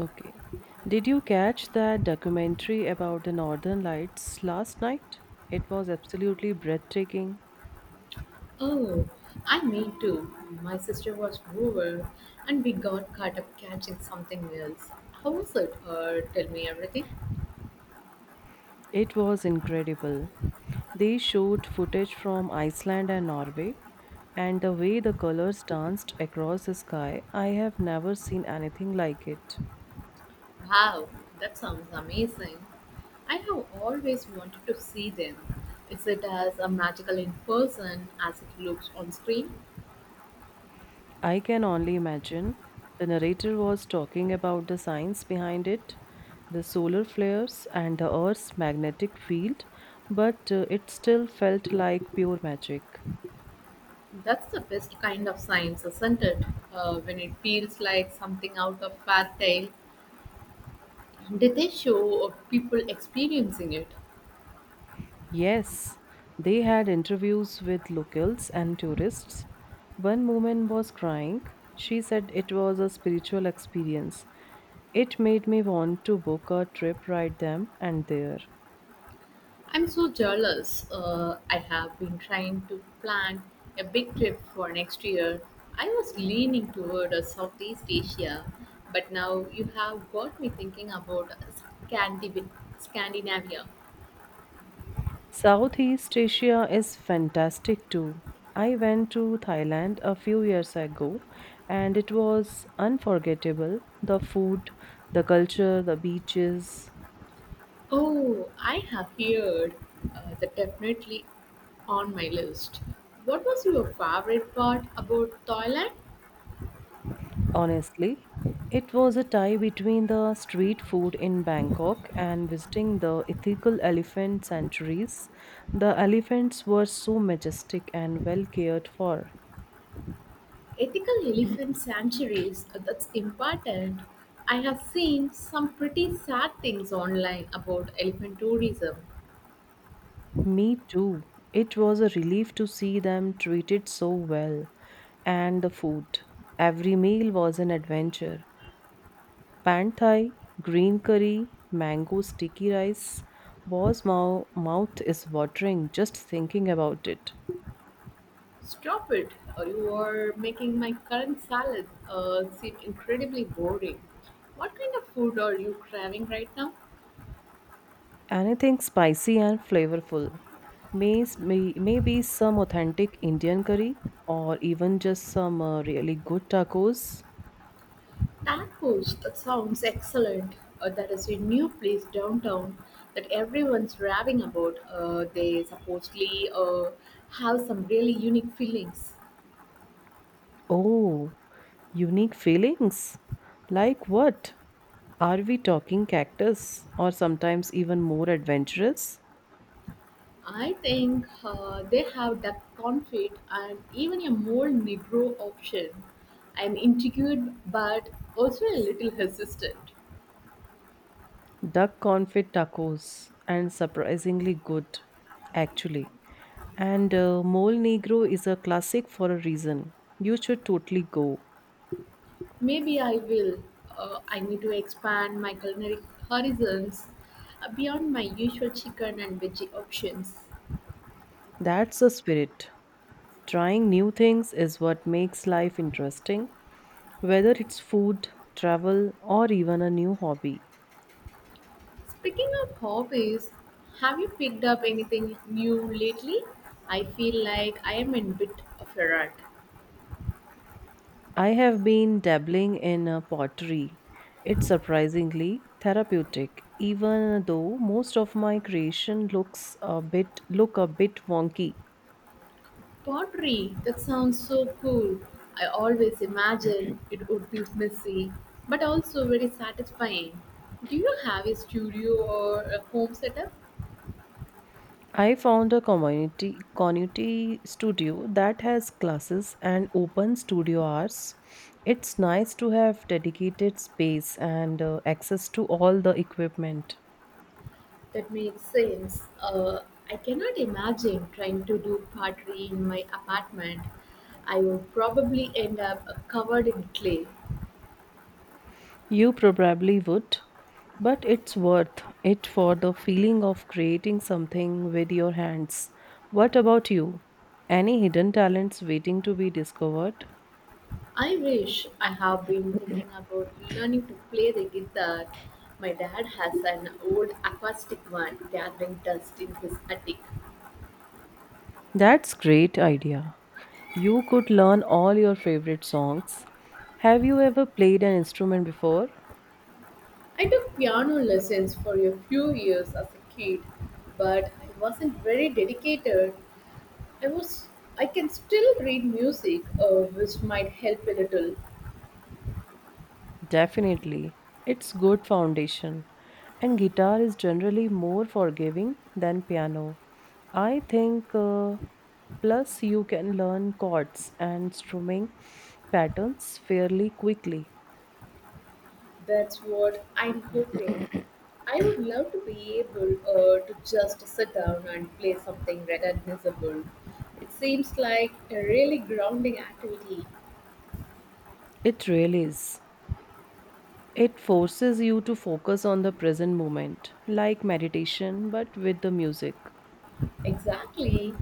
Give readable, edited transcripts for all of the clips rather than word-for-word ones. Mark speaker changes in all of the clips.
Speaker 1: Okay. Did you catch that documentary about the Northern Lights last night? It was absolutely breathtaking.
Speaker 2: Oh, I mean too. My sister was over and we got caught up catching something else. How was it? Tell me everything.
Speaker 1: It was incredible. They showed footage from Iceland and Norway, and the way the colors danced across the sky, I have never seen anything like it.
Speaker 2: Wow, that sounds amazing. I have always wanted to see them. Is it as a magical in person as it looks on screen?
Speaker 1: I can only imagine. The narrator was talking about the science behind it, the solar flares, and the Earth's magnetic field, but it still felt like pure magic.
Speaker 2: That's the best kind of science, isn't it? When it feels like something out of fairy tale. Did they show people experiencing it?
Speaker 1: Yes, they had interviews with locals and tourists. One woman was crying. She said it was a spiritual experience. It made me want to book a trip right then and there.
Speaker 2: I'm so jealous. I have been trying to plan a big trip for next year. I was leaning toward Southeast Asia, but now you have got me thinking about Scandib- Scandinavia.
Speaker 1: Southeast Asia is fantastic too. I went to Thailand a few years ago and it was unforgettable. The food, the culture, the beaches.
Speaker 2: Oh, I have heard that definitely on my list. What was your favorite part about Thailand?
Speaker 1: Honestly, it was a tie between the street food in Bangkok and visiting the ethical elephant sanctuaries. The elephants were so majestic and well cared for.
Speaker 2: Ethical elephant sanctuaries, that's important. I have seen some pretty sad things online about elephant tourism.
Speaker 1: Me too. It was a relief to see them treated so well. And the food. Every meal was an adventure. Pad Thai, green curry, mango sticky rice was my mouth is watering just thinking about it.
Speaker 2: Stop it. Uh, you are making my current salad seem incredibly boring. What kind of food are you craving right now?
Speaker 1: Anything spicy and flavorful. Maybe some authentic Indian curry or even just some really good tacos.
Speaker 2: Tacos, that sounds excellent. Uh, that is a new place downtown that everyone's raving about. Uh, they supposedly have some really unique fillings.
Speaker 1: Oh, unique feelings. Like what? Are we talking cactus or sometimes even more adventurous?
Speaker 2: I think they have duck confit and even a more Negro option. I'm intrigued, but also a little hesitant.
Speaker 1: Duck confit tacos and surprisingly good actually, and mole negro is a classic for a reason. You should totally go.
Speaker 2: Maybe I will. I need to expand my culinary horizons beyond my usual chicken and veggie options.
Speaker 1: That's the spirit. Trying new things is what makes life interesting, whether it's food, travel, or even a new hobby.
Speaker 2: Speaking of hobbies, have you picked up anything new lately? I feel like I am in a bit of a rut.
Speaker 1: I have been dabbling in pottery. It's surprisingly therapeutic, even though most of my creation looks a bit wonky.
Speaker 2: Pottery, that sounds so cool. I always imagine it would be messy, but also very satisfying. Do you have a studio or a home setup?
Speaker 1: I found a community studio that has classes and open studio hours. It's nice to have dedicated space and access to all the equipment.
Speaker 2: That makes sense. I cannot imagine trying to do pottery in my apartment. I would probably end up covered in clay.
Speaker 1: You probably would, but it's worth it for the feeling of creating something with your hands. What about you? Any hidden talents waiting to be discovered?
Speaker 2: I wish. I have been thinking about learning to play the guitar. My dad has an old acoustic one gathering dust in his attic.
Speaker 1: That's great idea. You could learn all your favorite songs. Have you ever played an instrument before?
Speaker 2: I took piano lessons for a few years as a kid, but I wasn't very dedicated. I was I can still read music, which might help a little.
Speaker 1: Definitely. It's good foundation. And guitar is generally more forgiving than piano. I think plus you can learn chords and strumming patterns fairly quickly.
Speaker 2: That's what I'm hoping. I would love to be able to just sit down and play something recognizable. It seems like a really grounding activity.
Speaker 1: It really is. It forces you to focus on the present moment, like meditation, but with the music.
Speaker 2: Exactly.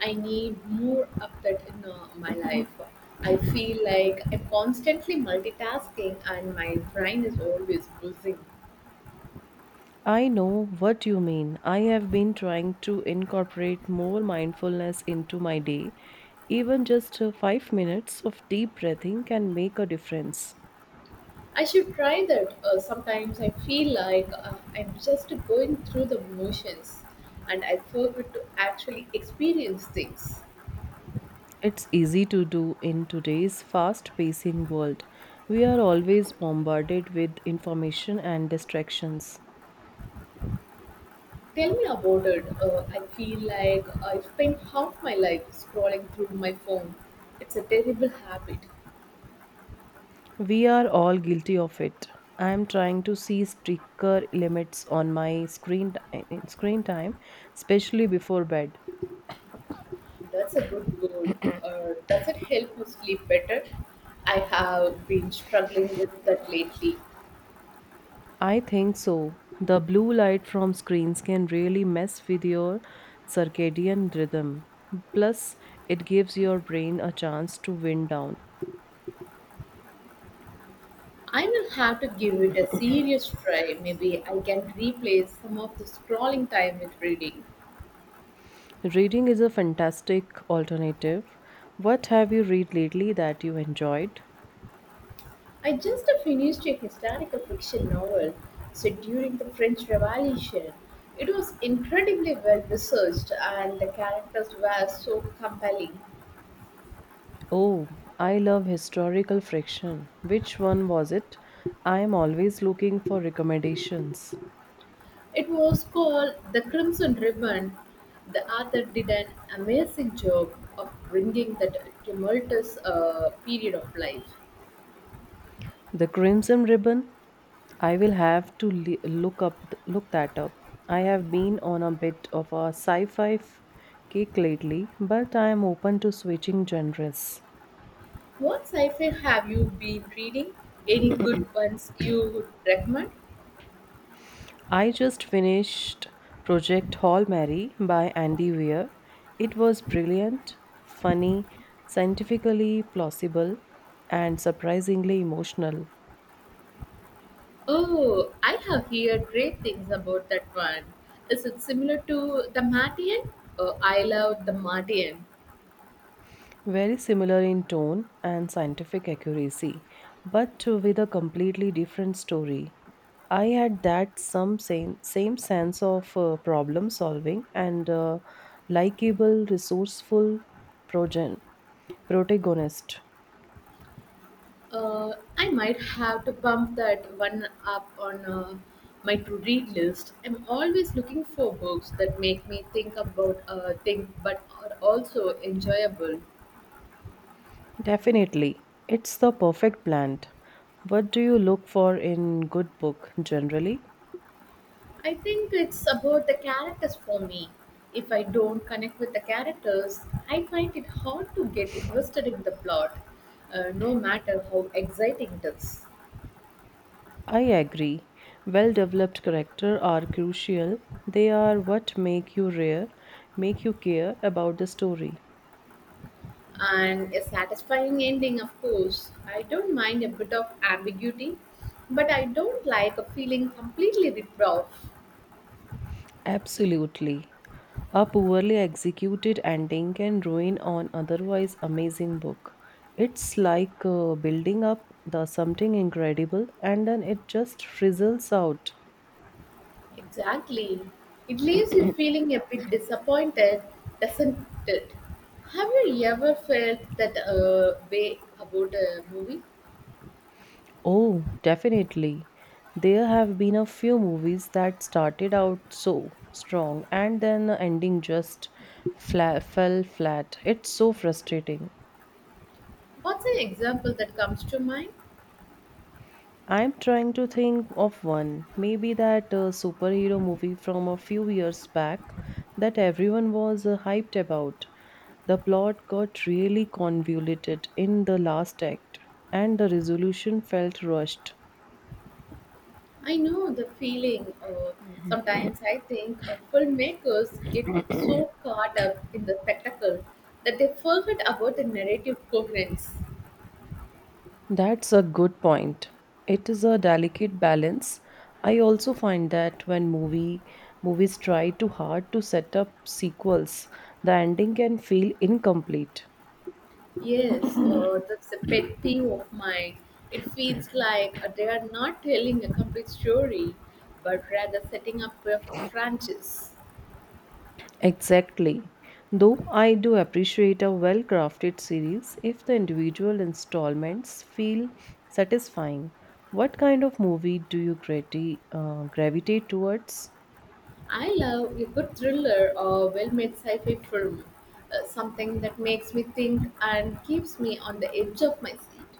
Speaker 2: I need more of that in my life. I feel like I'm constantly multitasking and my brain is always buzzing.
Speaker 1: I know what you mean. I have been trying to incorporate more mindfulness into my day. Even just 5 minutes of deep breathing can make a difference.
Speaker 2: I should try that. Sometimes I feel like I'm just going through the motions and I forget to actually experience things.
Speaker 1: It's easy to do in today's fast pacing world. We are always bombarded with information and distractions.
Speaker 2: Tell me about it. I feel like I spend half my life scrolling through my phone. It's a terrible habit.
Speaker 1: We are all guilty of it. I am trying to see stricter limits on my screen time, especially before bed.
Speaker 2: That's a good goal. Does it help you sleep better? I have been struggling with that lately.
Speaker 1: I think so. The blue light from screens can really mess with your circadian rhythm. Plus, it gives your brain a chance to wind down.
Speaker 2: I will have to give it a serious try. Maybe I can replace some of the scrolling time with reading.
Speaker 1: Reading is a fantastic alternative. What have you read lately that you enjoyed?
Speaker 2: I just finished a historical fiction novel set during the French Revolution. It was incredibly well researched and the characters were so compelling.
Speaker 1: Oh, I love historical fiction. Which one was it? I am always looking for recommendations.
Speaker 2: It was called "The Crimson Ribbon". The author did an amazing job of bringing that tumultuous period of life.
Speaker 1: The Crimson Ribbon? I will have to look that up. I have been on a bit of a kick lately, but I am open to switching genres.
Speaker 2: What sci-fi have you been reading? Any good ones you would recommend?
Speaker 1: I just finished Project Hall Mary by Andy Weir. It was brilliant, funny, scientifically plausible, and surprisingly emotional.
Speaker 2: Oh, I have heard great things about that one. Is it similar to The Martian? Oh, I love The Martian.
Speaker 1: Very similar in tone and scientific accuracy, but with a completely different story. I had that some same same sense of problem solving and likable, resourceful progen- protagonist.
Speaker 2: I might have to bump that one up on my to read list. I'm always looking for books that make me think about things but are also enjoyable.
Speaker 1: Definitely, it's the perfect plant. What do you look for in good book generally?
Speaker 2: I think it's about the characters for me. If I don't connect with the characters, I find it hard to get invested in the plot, no matter how exciting it is.
Speaker 1: I agree. Well developed character are crucial. They are what make you care about the story.
Speaker 2: And a satisfying ending, of course. I don't mind a bit of ambiguity, but I don't like a feeling completely ripped off.
Speaker 1: Absolutely. A poorly executed ending can ruin an otherwise amazing book. It's like building up the something incredible and then it just frizzles out.
Speaker 2: Exactly. It leaves you feeling a bit disappointed, doesn't it? Have you ever felt that way about a movie?
Speaker 1: Oh, definitely. There have been a few movies that started out so strong and then the ending just fell flat. It's so frustrating.
Speaker 2: What's an example that comes to mind?
Speaker 1: I'm trying to think of one. Maybe that superhero movie from a few years back that everyone was hyped about. The plot got really convoluted in the last act, and the resolution felt rushed.
Speaker 2: I know the feeling. Sometimes I think filmmakers get so caught up in the spectacle that they forget about the narrative coherence.
Speaker 1: That's a good point. It is a delicate balance. I also find that when movies try too hard to set up sequels, the ending can feel incomplete.
Speaker 2: Yes, that's a pet peeve of mine. It feels like they are not telling a complete story, but rather setting up a franchise.
Speaker 1: Exactly. Though I do appreciate a well crafted series if the individual installments feel satisfying. What kind of movie do you gravitate towards?
Speaker 2: I love a good thriller or well-made sci-fi film, something that makes me think and keeps me on the edge of my seat.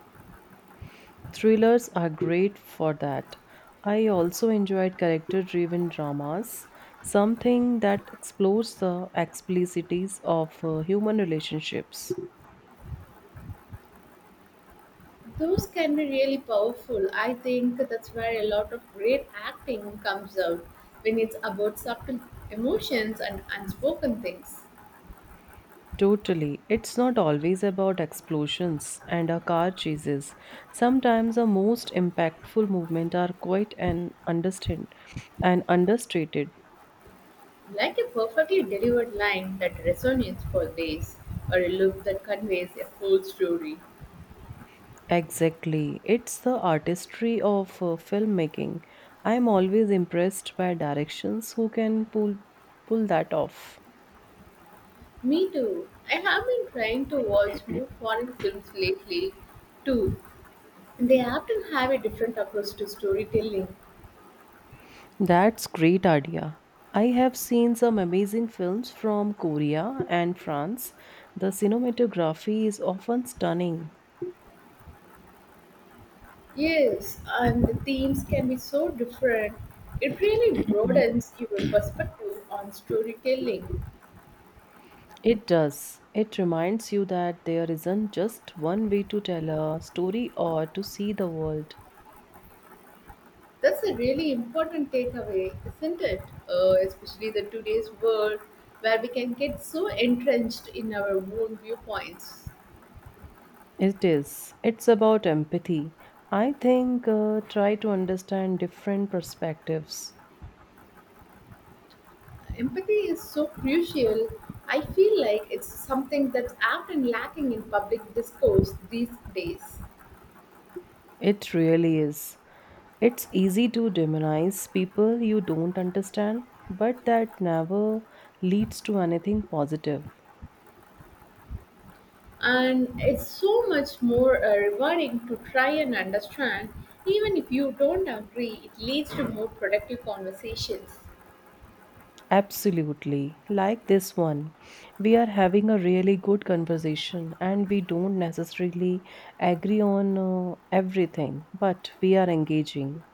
Speaker 1: Thrillers are great for that. I also enjoyed character driven dramas, something that explores the explicities of human relationships.
Speaker 2: Those can be really powerful. I think that's where a lot of great acting comes out, when it's about subtle emotions and unspoken things.
Speaker 1: Totally. It's not always about explosions and a car chases. Sometimes the most impactful movements are quite an understand and understated.
Speaker 2: Like a perfectly delivered line that resonates for days, or a look that conveys a full story.
Speaker 1: Exactly. It's the artistry of filmmaking. I'm always impressed by directions who can pull that off.
Speaker 2: Me too. I have been trying to watch more foreign films lately, too, and they often have a different approach to storytelling.
Speaker 1: That's great idea. I have seen some amazing films from Korea and France. The cinematography is often stunning.
Speaker 2: Yes, and the themes can be so different. It really broadens your perspective on storytelling.
Speaker 1: It does. It reminds you that there isn't just one way to tell a story or to see the world.
Speaker 2: That's a really important takeaway, isn't it? Especially the today's world where we can get so entrenched in our own viewpoints.
Speaker 1: It is. It's about empathy. I think try to understand different perspectives.
Speaker 2: Empathy is so crucial. I feel like it's something that's often lacking in public discourse these days.
Speaker 1: It really is. It's easy to demonize people you don't understand, but that never leads to anything positive.
Speaker 2: And it's so much more rewarding to try and understand, even if you don't agree. It leads to more productive conversations.
Speaker 1: Absolutely. Like this one, we are having a really good conversation and we don't necessarily agree on everything, but we are engaging.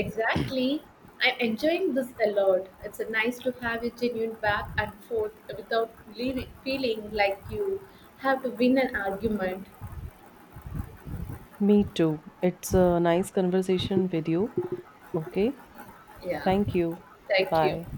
Speaker 2: Exactly. I'm enjoying this a lot. It's nice to have a genuine back and forth without leaving, feeling like you have to win an argument.
Speaker 1: Me too. It's a nice conversation with you. Okay.
Speaker 2: Yeah,
Speaker 1: Thank you.
Speaker 2: thank you.
Speaker 1: Bye.